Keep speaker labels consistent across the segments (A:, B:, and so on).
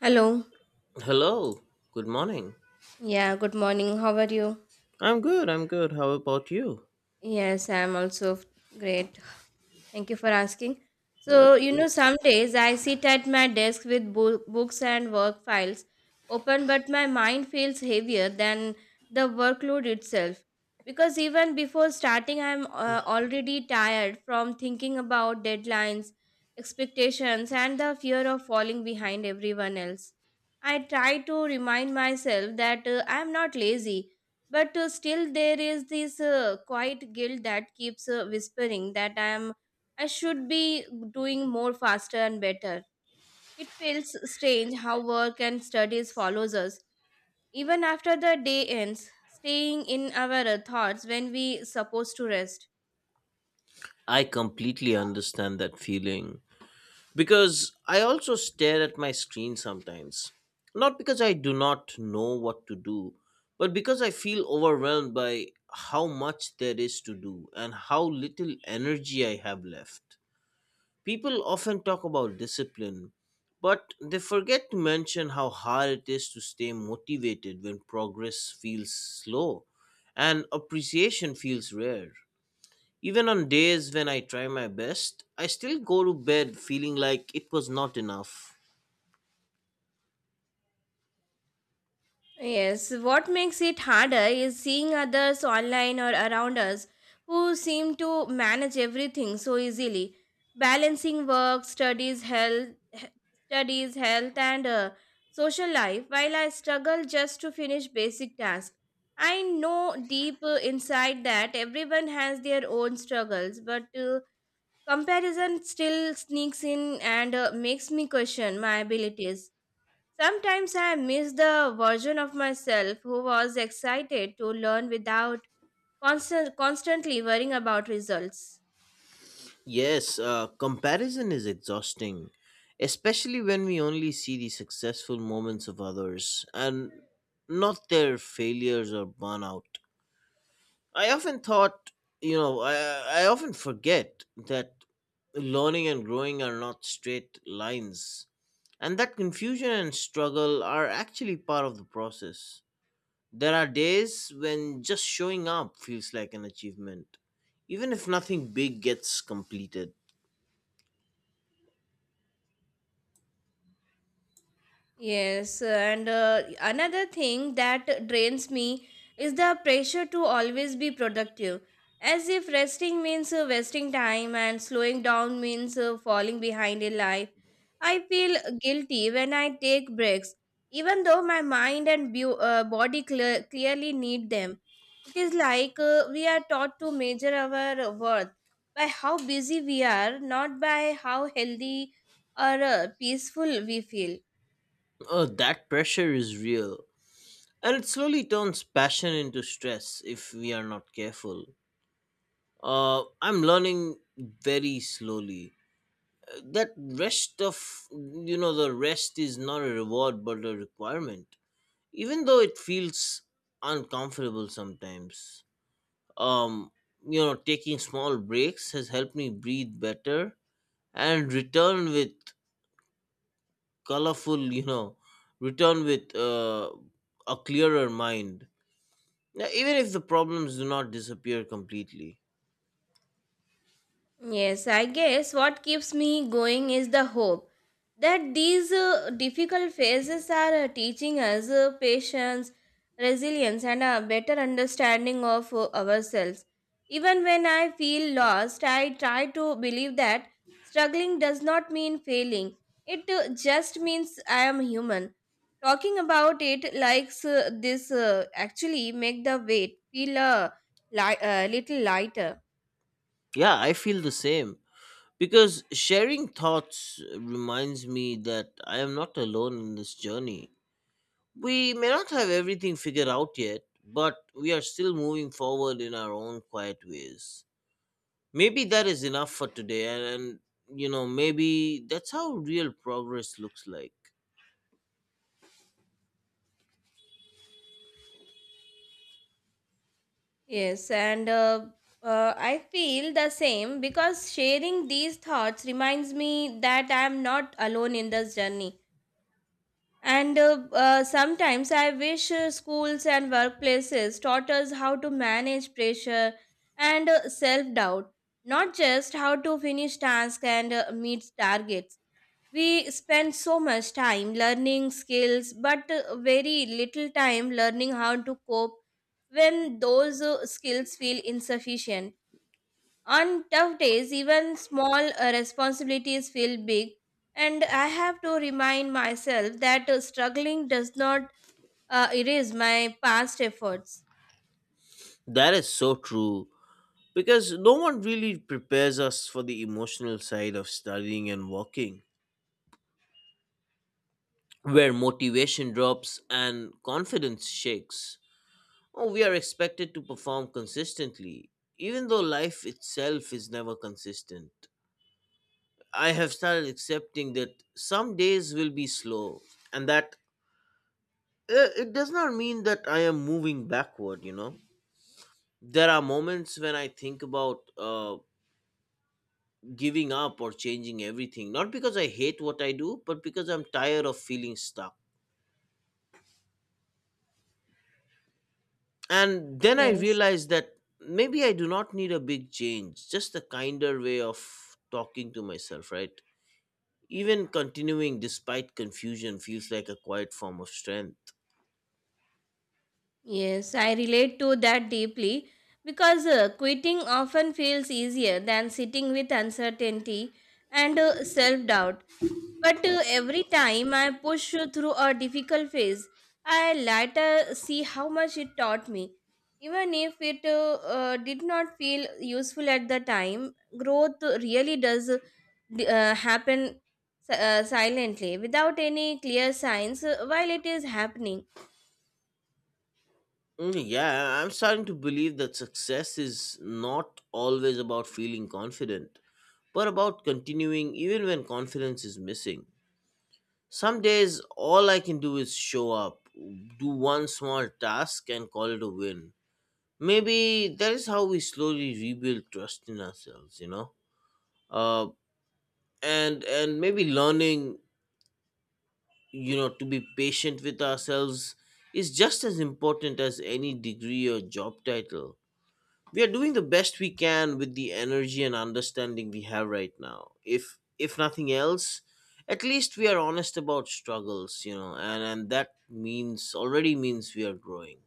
A: Hello.
B: Hello, good morning.
A: Yeah, good morning. How are you?
B: I'm good, I'm good. How about you?
A: Yes, I'm also great. Thank you for asking. So,
B: That's
A: you
B: good.
A: know, some days I sit at my desk with books and work files open, but my mind feels heavier than the workload itself. Because even before starting, I'm already tired from thinking about deadlines, expectations, and the fear of falling behind everyone else. I try to remind myself that I'm not lazy but still there is this quiet guilt that keeps whispering that I am I should be doing more, faster and better. It feels strange how work and studies follows us even after the day ends, staying in our thoughts when we supposed to rest.
B: I completely understand that feeling because I also stare at my screen sometimes. Not because I do not know what to do, but because I feel overwhelmed by how much there is to do and how little energy I have left. People often talk about discipline, but they forget to mention how hard it is to stay motivated when progress feels slow and appreciation feels rare. Even on days when I try my best, I still go to bed feeling like it was not enough.
A: Yes, what makes it harder is seeing others online or around us who seem to manage everything so easily, balancing work, studies, health, studies, health, and social life. While I struggle just to finish basic tasks, I know deep inside that everyone has their own struggles, but comparison still sneaks in and makes me question my abilities. Sometimes I miss the version of myself who was excited to learn without constantly worrying about results.
B: Yes, comparison is exhausting, especially when we only see the successful moments of others and not their failures or burnout. I often thought, you know, I often forget that learning and growing are not straight lines, and that confusion and struggle are actually part of the process. There are days when just showing up feels like an achievement, even if nothing big gets completed.
A: Yes, and another thing that drains me is the pressure to always be productive, as if resting means wasting time and slowing down means falling behind in life. I feel guilty when I take breaks, even though my mind and body clearly need them. It is like we are taught to measure our worth by how busy we are, not by how healthy or peaceful we feel.
B: Oh, that pressure is real, and it slowly turns passion into stress if we are not careful. I'm learning very slowly that rest of you know the rest is not a reward but a requirement, even though it feels uncomfortable sometimes. um Taking small breaks has helped me breathe better and return with colorful you know return with uh, a clearer mind. Yeah, even if the problems do not disappear completely.
A: Yes, I guess what keeps me going is the hope that these difficult phases are teaching us patience, resilience, and a better understanding of ourselves. Even when I feel lost, I try to believe that struggling does not mean failing, it just means I am human. Talking about it like this actually make the weight feel a little lighter.
B: Yeah, I feel the same. Because sharing thoughts reminds me that I am not alone in this journey. We may not have everything figured out yet, but we are still moving forward in our own quiet ways. Maybe that is enough for today, and maybe that's how real progress looks like.
A: Yes, and I feel the same because sharing these thoughts reminds me that I am not alone in this journey. And sometimes I wish schools and workplaces taught us how to manage pressure and self doubt, not just how to finish tasks and meet targets. We spend so much time learning skills, but very little time learning how to cope when those skills feel insufficient. On tough days, even small responsibilities feel big, and I have to remind myself that struggling does not erase my past efforts.
B: That is so true. Because no one really prepares us for the emotional side of studying and walking, where motivation drops and confidence shakes. Oh, we are expected to perform consistently, even though life itself is never consistent. I have started accepting that some days will be slow, and that it does not mean that I am moving backward. There are moments when I think about giving up or changing everything, not because I hate what I do, but because I'm tired of feeling stuck. And then I
A: Yes.
B: realize that maybe I do not need a big change, just a kinder way of talking to myself, right? Even continuing despite confusion feels like a quiet form of strength.
A: Yes, I relate to that deeply because quitting often feels easier than sitting with uncertainty and self doubt. But every time I push through a difficult phase, I later see how much it taught me. Even if it did not feel useful at the time, growth really does happen silently without any clear signs while it is happening.
B: Mm, yeah, I'm starting to believe that success is not always about feeling confident, but about continuing even when confidence is missing. Some days, all I can do is show up, do one small task, and call it a win. Maybe that is how we slowly rebuild trust in ourselves, you know? Uh, and maybe learning to be patient with ourselves is just as important as any degree or job title. We are doing the best we can with the energy and understanding we have right now. If nothing else, at least we are honest about struggles, and that means already means we are growing.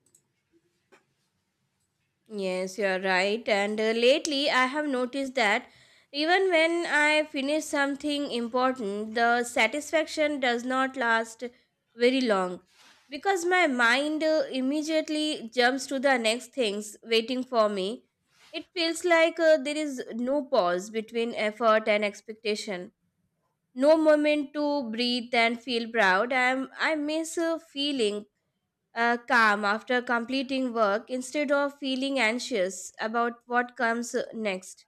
A: Yes, you're right. And lately, I have noticed that even when I finish something important, the satisfaction does not last very long because my mind immediately jumps to the next things waiting for me. It feels like there is no pause between effort and expectation, no moment to breathe and feel proud. I miss feeling calm after completing work instead of feeling anxious about what comes next.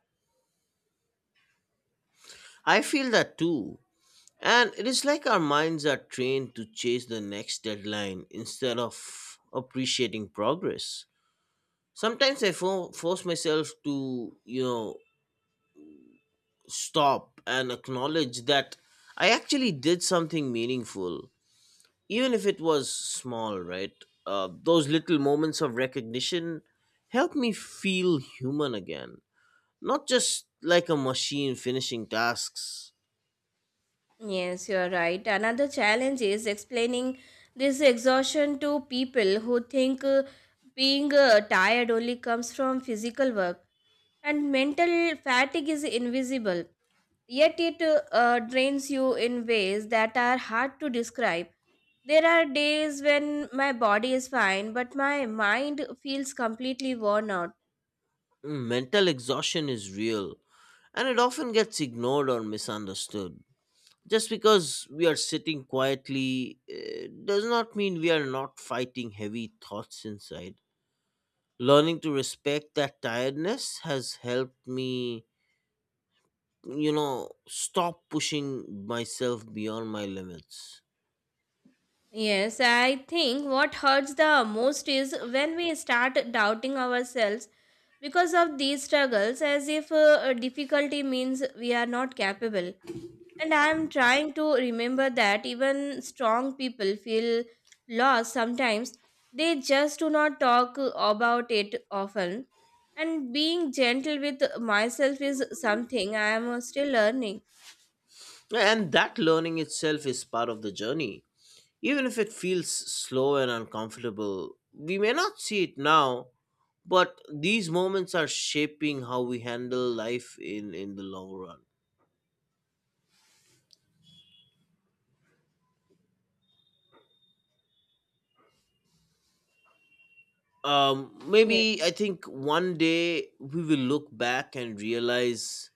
B: I feel that too, and it is like our minds are trained to chase the next deadline instead of appreciating progress. Sometimes I force myself to stop and acknowledge that I actually did something meaningful, even if it was small, right? Those little moments of recognition help me feel human again, not just like a machine finishing tasks.
A: Yes, you're right. Another challenge is explaining this exhaustion to people who think being tired only comes from physical work and mental fatigue is invisible. Yet it drains you in ways that are hard to describe. There are days when my body is fine, but my mind feels completely worn out.
B: Mental exhaustion is real, and it often gets ignored or misunderstood. Just because we are sitting quietly does not mean we are not fighting heavy thoughts inside. Learning to respect that tiredness has helped me stop pushing myself beyond my limits.
A: Yes, I think what hurts the most is when we start doubting ourselves because of these struggles, as if difficulty means we are not capable. And I am trying to remember that even strong people feel lost sometimes, they just do not talk about it often. And being gentle with myself is something I am still learning.
B: And that learning itself is part of the journey. Even if it feels slow and uncomfortable, we may not see it now, but these moments are shaping how we handle life in the long run. Maybe I think one day we will look back and realize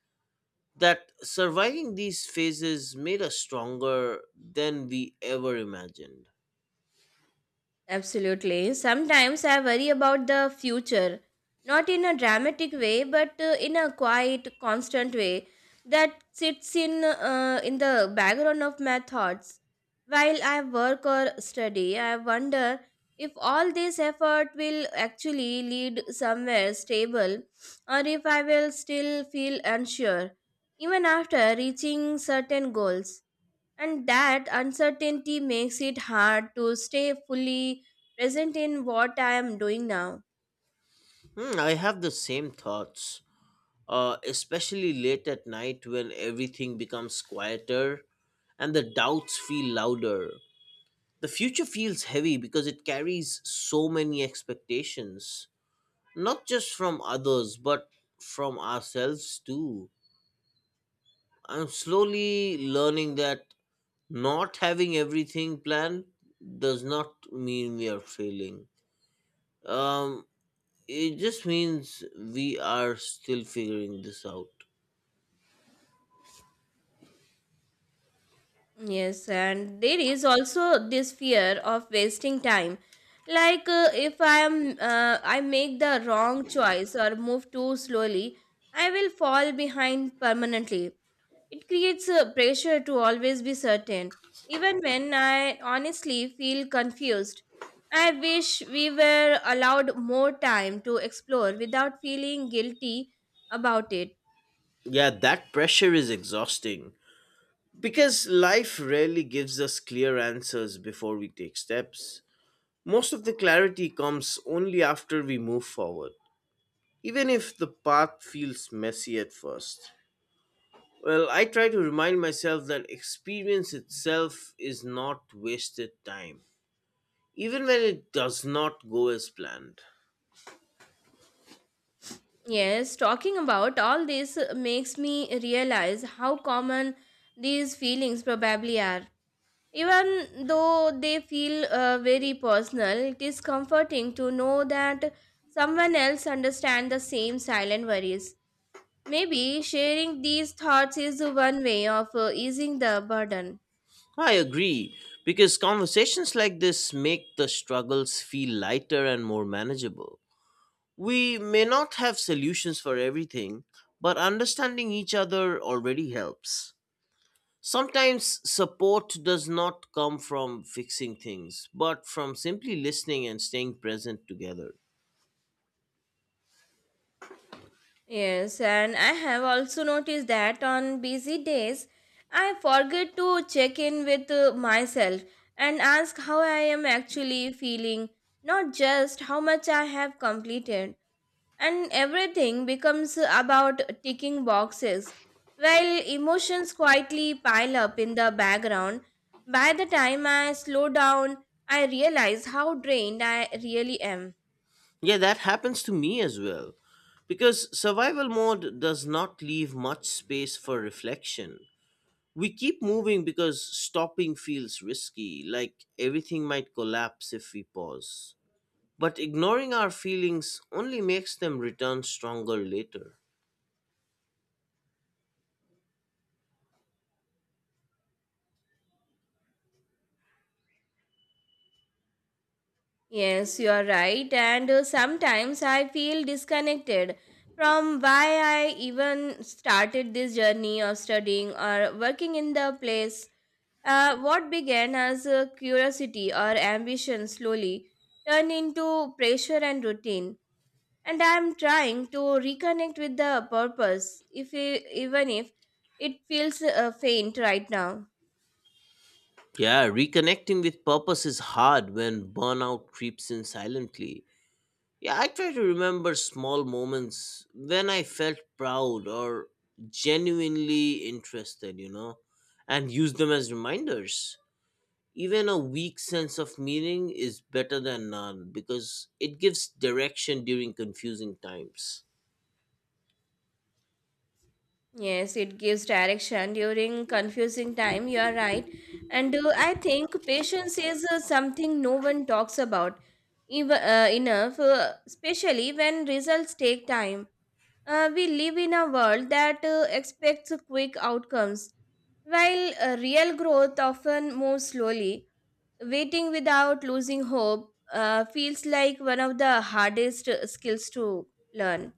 B: that surviving these phases made us stronger than we ever imagined.
A: Absolutely. Sometimes I worry about the future, not in a dramatic way, but in a quiet, constant way that sits in the background of my thoughts. While I work or study, I wonder if all this effort will actually lead somewhere stable or if I will still feel unsure even after reaching certain goals. And that uncertainty makes it hard to stay fully present in what I am doing now.
B: Hmm, I have the same thoughts, especially late at night when everything becomes quieter and the doubts feel louder. The future feels heavy because it carries so many expectations, not just from others, but from ourselves too. I'm slowly learning that not having everything planned does not mean we are failing. Um, it just means we are still figuring this out.
A: Yes, and there is also this fear of wasting time. Like if I am I make the wrong choice or move too slowly, I will fall behind permanently. It creates a pressure to always be certain, even when I honestly feel confused. I wish we were allowed more time to explore without feeling guilty about it.
B: Yeah, that pressure is exhausting because life rarely gives us clear answers before we take steps. Most of the clarity comes only after we move forward, even if the path feels messy at first. Well, I try to remind myself that experience itself is not wasted time, even when it does not go as planned.
A: Yes, talking about all this makes me realize how common these feelings probably are. Even though they feel very personal, it is comforting to know that someone else understands the same silent worries. Maybe sharing these thoughts is one way of easing the burden.
B: I agree, because conversations like this make the struggles feel lighter and more manageable. We may not have solutions for everything, but understanding each other already helps. Sometimes support does not come from fixing things, but from simply listening and staying present together.
A: Yes, and I have also noticed that on busy days, I forget to check in with myself and ask how I am actually feeling, not just how much I have completed. And everything becomes about ticking boxes while emotions quietly pile up in the background. By the time I slow down, I realize how drained I really am.
B: Yeah, that happens to me as well. Because survival mode does not leave much space for reflection. We keep moving because stopping feels risky, like everything might collapse if we pause. But ignoring our feelings only makes them return stronger later.
A: Yes, you are right. And sometimes I feel disconnected from why I even started this journey of studying or working in the place. What began as a curiosity or ambition slowly turned into pressure and routine. And I am trying to reconnect with the purpose, if even if it feels faint right now.
B: Yeah, reconnecting with purpose is hard when burnout creeps in silently. Yeah, I try to remember small moments when I felt proud or genuinely interested, and use them as reminders. Even a weak sense of meaning is better than none because it gives direction during confusing times.
A: Yes, it gives direction during confusing time. You are right. And I think patience is something no one talks about even, enough, especially when results take time. We live in a world that expects quick outcomes, while real growth often moves slowly. Waiting without losing hope feels like one of the hardest skills to learn.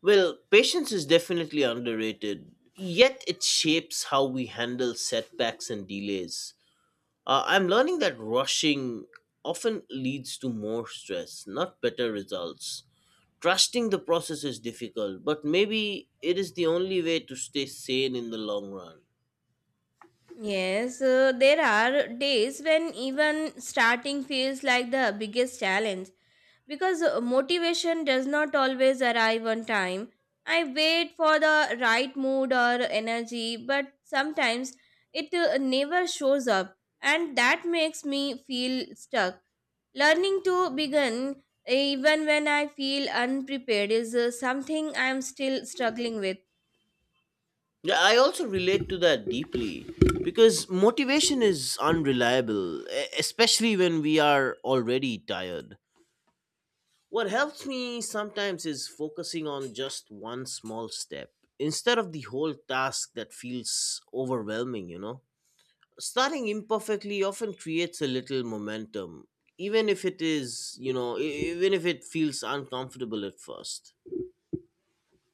B: Well, patience is definitely underrated, yet it shapes how we handle setbacks and delays. I'm learning that rushing often leads to more stress, not better results. Trusting the process is difficult, but maybe it is the only way to stay sane in the long run.
A: Yes, there are days when even starting feels like the biggest challenge because motivation does not always arrive on time. I wait for the right mood or energy, but sometimes it never shows up, and that makes me feel stuck. Learning to begin even when I feel unprepared is something I'm still struggling with.
B: Yeah, I also relate to that deeply because motivation is unreliable, especially when we are already tired. What helps me sometimes is focusing on just one small step instead of the whole task that feels overwhelming, you know? Starting imperfectly often creates a little momentum, even if it is you know e- even if it feels uncomfortable at first.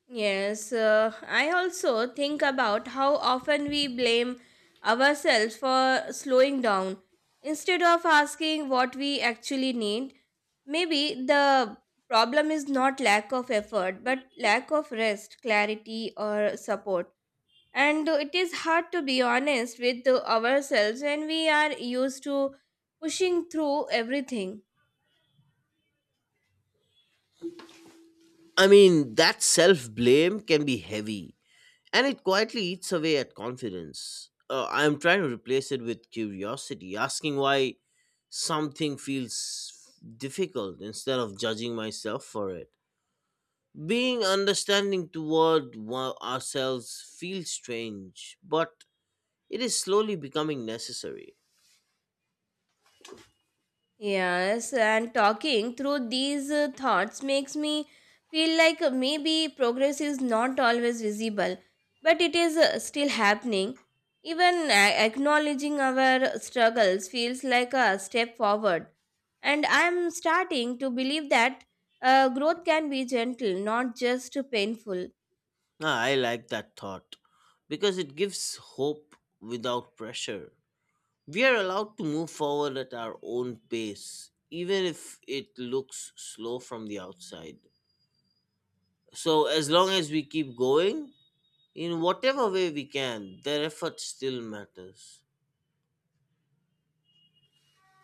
A: Yes, I also think about how often we blame ourselves for slowing down. Instead of asking what we actually need, maybe the problem is not lack of effort, but lack of rest, clarity, or support. And it is hard to be honest with ourselves when we are used to pushing through everything.
B: I mean, that self blame can be heavy, and it quietly eats away at confidence. I'm trying to replace it with curiosity, asking why something feels difficult instead of judging myself for it. Being understanding toward ourselves feels strange, but it is slowly becoming necessary.
A: Yes, and talking through these thoughts makes me feel like maybe progress is not always visible, but it is still happening. Even acknowledging our struggles feels like a step forward, and I am starting to believe that growth can be gentle, not just painful.
B: Ah, I like that thought because it gives hope without pressure. We are allowed to move forward at our own pace, even if it looks slow from the outside. So, as long as we keep going, in whatever way we can, their effort still matters.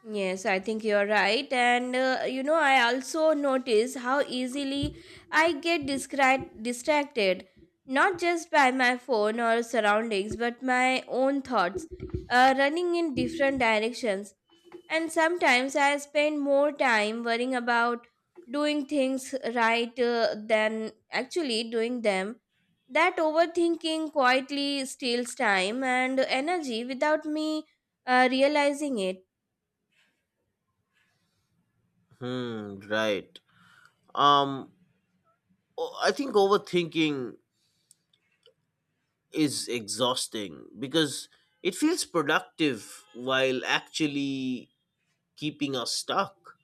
A: Yes, I think you're right. And you know, I also notice how easily I get distracted, not just by my phone or surroundings, but my own thoughts running in different directions. And sometimes I spend more time worrying about doing things right than actually doing them. That overthinking quietly steals time and energy without me realizing it.
B: Hmm, right. Um, I think overthinking is exhausting because it feels productive while actually keeping us stuck.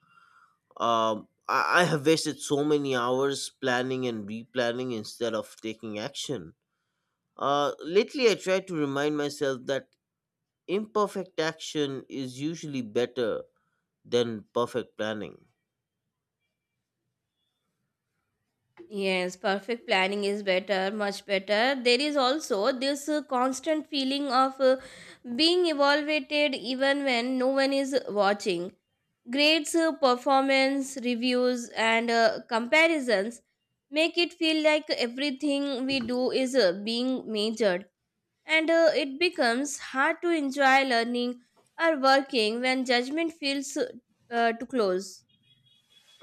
B: I have wasted so many hours planning and replanning instead of taking action. Lately, I try to remind myself that imperfect action is usually better than perfect planning.
A: Yes, perfect planning is better, much better. There is also this constant feeling of being evaluated even when no one is watching. Grades, performance, reviews, and comparisons make it feel like everything we do is being measured, and it becomes hard to enjoy learning or working when judgment feels too close.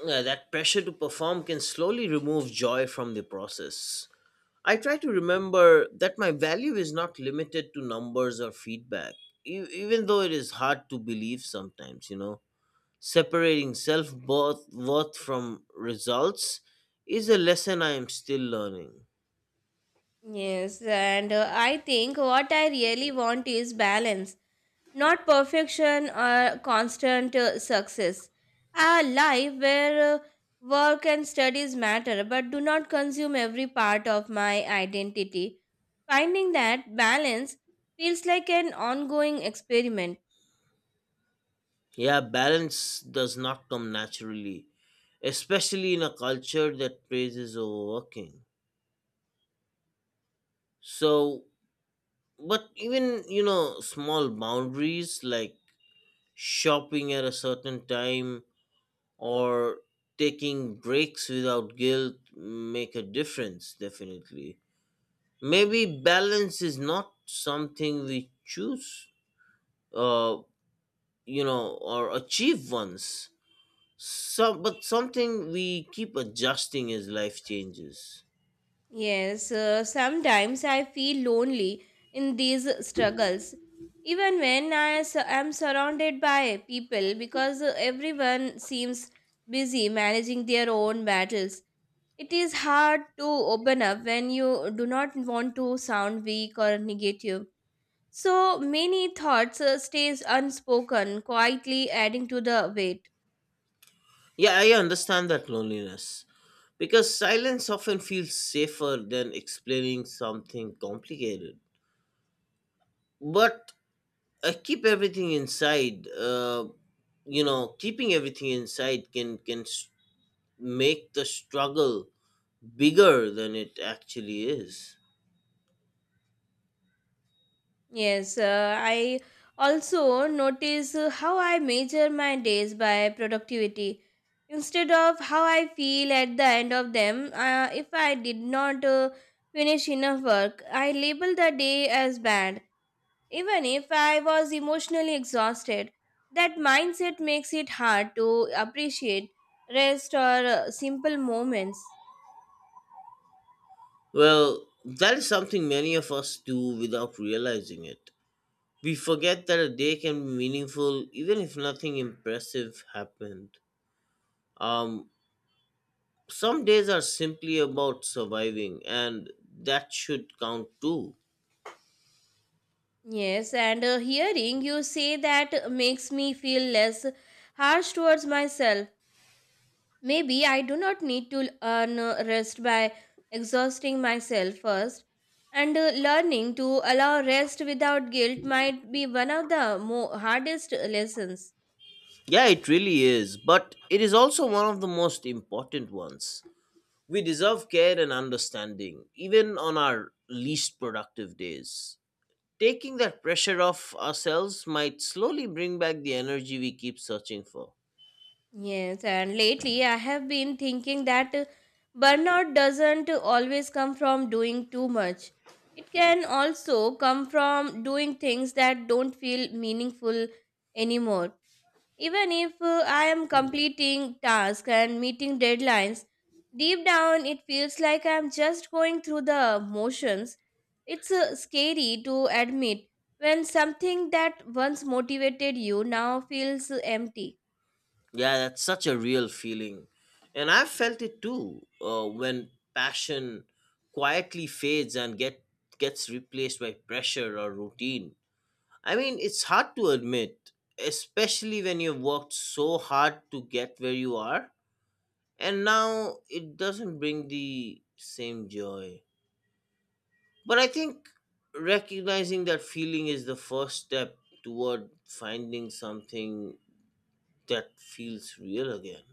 B: Yeah, that pressure to perform can slowly remove joy from the process. I try to remember that my value is not limited to numbers or feedback, even though it is hard to believe sometimes. Separating self worth from results is a lesson I am still learning.
A: Yes, and I think what I really want is balance, not perfection or constant success. A life where work and studies matter but do not consume every part of my identity. Finding that balance feels like an ongoing experiment.
B: Yeah, balance does not come naturally, especially in a culture that praises overworking. So, but even, small boundaries like shopping at a certain time or taking breaks without guilt make a difference, definitely. Maybe balance is not something we choose, uh, or achieve once. But something we keep adjusting as life changes.
A: Yes, sometimes I feel lonely in these struggles, even when am surrounded by people because everyone seems busy managing their own battles. It is hard to open up when you do not want to sound weak or negative. So many thoughts stays unspoken, quietly adding to the weight.
B: Yeah, I understand that loneliness because silence often feels safer than explaining something complicated. But I keep everything inside. Keeping everything inside can make the struggle bigger than it actually is.
A: Yes, I also notice how I measure my days by productivity instead of how I feel at the end of them. If I did not finish enough work, I label the day as bad, even if I was emotionally exhausted. That mindset makes it hard to appreciate rest or simple moments.
B: Well, that is something many of us do without realizing it. We forget that a day can be meaningful even if nothing impressive happened. Um, some days are simply about surviving, and that should count too.
A: Yes, and hearing you say that makes me feel less harsh towards myself. Maybe I do not need to earn rest by exhausting myself first, and learning to allow rest without guilt might be one of the hardest lessons.
B: Yeah, it really is, but it is also one of the most important ones. We deserve care and understanding, even on our least productive days. Taking that pressure off ourselves might slowly bring back the energy we keep searching for.
A: Yes, and lately I have been thinking that burnout doesn't always come from doing too much. It can also come from doing things that don't feel meaningful anymore. Even if I am completing tasks and meeting deadlines, deep down it feels like I am just going through the motions. It's scary to admit when something that once motivated you now feels empty.
B: Yeah, that's such a real feeling. And I've felt it too when passion quietly fades and gets replaced by pressure or routine. I mean, it's hard to admit, especially when you've worked so hard to get where you are, and now it doesn't bring the same joy. But I think recognizing that feeling is the first step toward finding something that feels real again.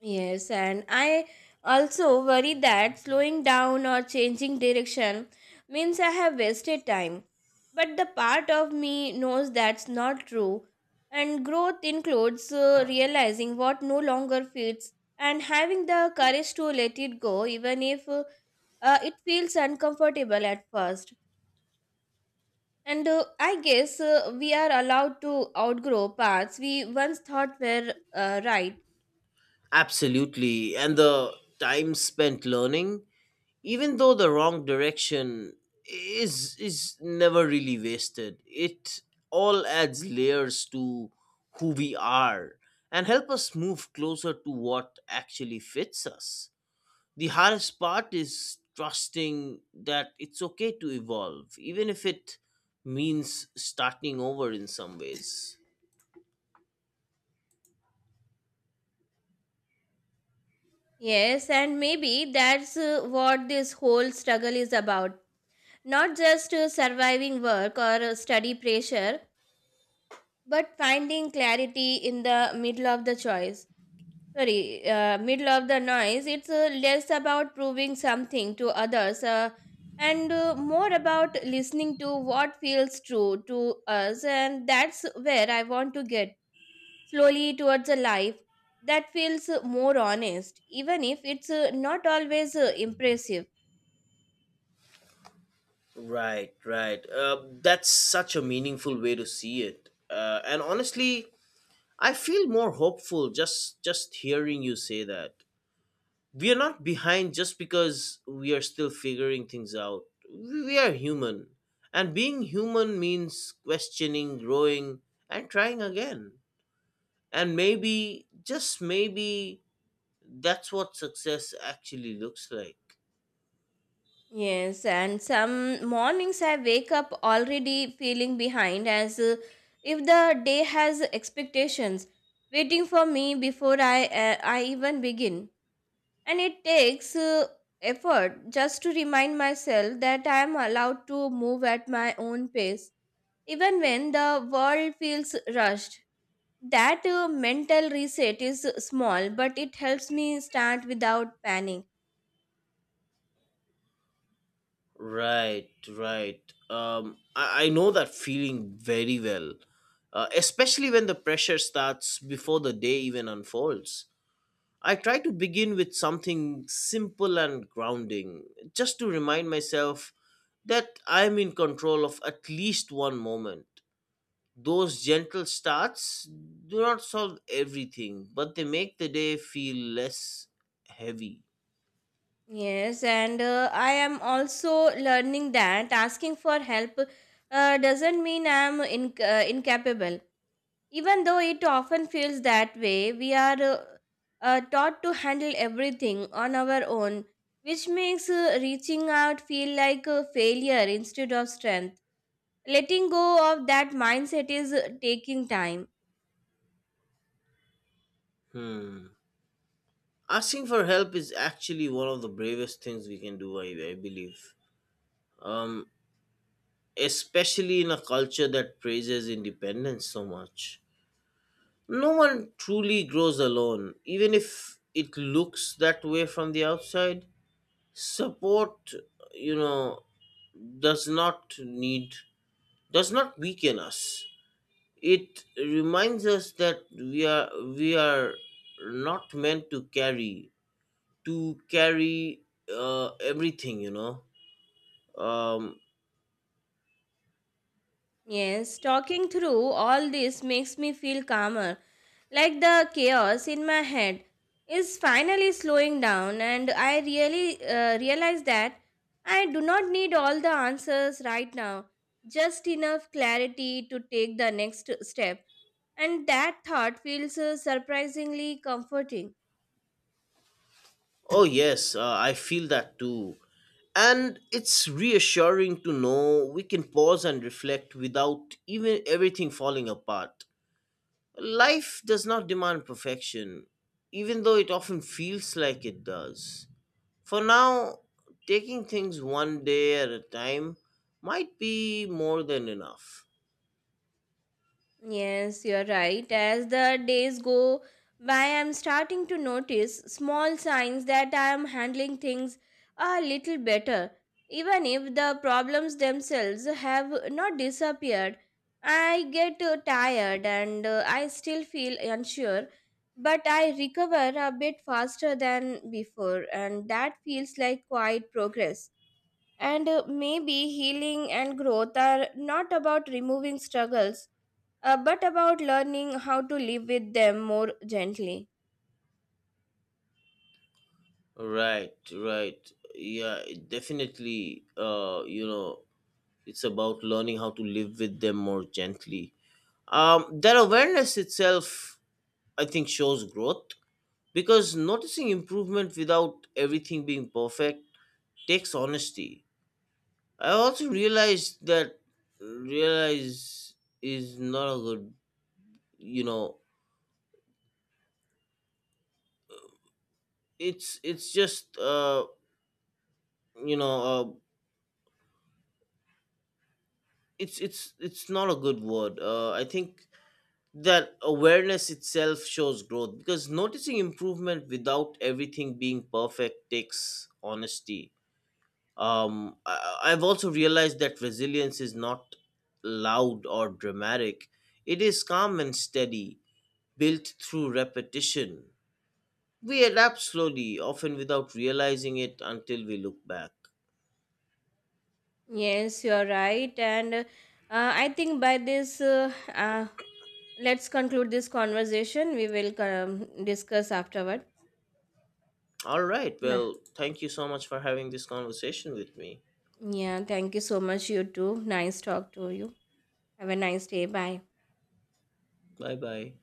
A: Yes, and I also worry that slowing down or changing direction means I have wasted time. But the part of me knows that's not true. And growth includes realizing what no longer fits and having the courage to let it go, even if it feels uncomfortable at first. And I guess we are allowed to outgrow paths we once thought were right.
B: Absolutely. And the time spent learning, even though the wrong direction, is never really wasted. It all adds layers to who we are and help us move closer to what actually fits us. The hardest part is trusting that it's okay to evolve, even if it means starting over in some ways.
A: Yes, and maybe that's what this whole struggle is about. Not just surviving work or study pressure, but finding clarity in the middle of the choice. Sorry, middle of the noise. It's less about proving something to others and more about listening to what feels true to us. And that's where I want to get slowly towards a life that feels more honest, even if it's not always impressive.
B: Right, right. That's such a meaningful way to see it, and honestly I feel more hopeful just hearing you say that we are not behind just because we are still figuring things out. We are human, and being human means questioning, growing, and trying again. And maybe, just maybe, that's what success actually looks like.
A: Yes, and some mornings I wake up already feeling behind as if the day has expectations waiting for me before I even begin. And it takes effort just to remind myself that I am allowed to move at my own pace, even when the world feels rushed. That mental reset is small, but it helps me start without panic.
B: Right, right. I know that feeling very well, especially when the pressure starts before the day even unfolds. I try to begin with something simple and grounding, just to remind myself that I'm in control of at least one moment. Those gentle starts do not solve everything, but they make the day feel less heavy.
A: Yes, and I am also learning that asking for help doesn't mean I'm incapable. Even though it often feels that way, we are taught to handle everything on our own, which makes reaching out feel like a failure instead of strength. Letting go of that mindset is taking time.
B: Asking for help is actually one of the bravest things we can do, I believe. Um, Especially in a culture that praises independence so much. No one truly grows alone, even if it looks that way from the outside. Support, you know, does not need, does not weaken us. It reminds us that we are not meant to carry everything. Um,
A: Yes, talking through all this makes me feel calmer, like the chaos in my head is finally slowing down, and I really realize that I do not need all the answers right now, just enough clarity to take the next step. And that thought feels surprisingly comforting.
B: oh yes, I feel that too. And it's reassuring to know we can pause and reflect without even everything falling apart. Life does not demand perfection, even though it often feels like it does. For now, taking things one day at a time might be more than enough.
A: Yes, you're right. As the days go by, I'm starting to notice small signs that I'm handling things a little better, even if the problems themselves have not disappeared. I get tired and I still feel unsure, but I recover a bit faster than before, and that feels like quiet progress. And maybe healing and growth are not about removing struggles but about learning how to live with them more gently.
B: Right, right. Yeah, it definitely. It's about learning how to live with them more gently. That awareness itself, I think, shows growth because noticing improvement without everything being perfect takes honesty. I also realized that realize is not a good, you know, it's just you know uh it's not a good word, I think. That awareness itself shows growth because noticing improvement without everything being perfect takes honesty. I've also realized that resilience is not loud or dramatic. It is calm and steady, built through repetition. We adapt slowly, often without realizing it until we look back.
A: Yes, you're right. And I think by this, let's conclude this conversation. We will discuss afterward.
B: All right.
A: Nah.
B: Well, thank you so much for having this conversation with me.
A: Yeah, thank you so much, you too. Nice talk to you. Have a nice day. Bye.
B: Bye bye.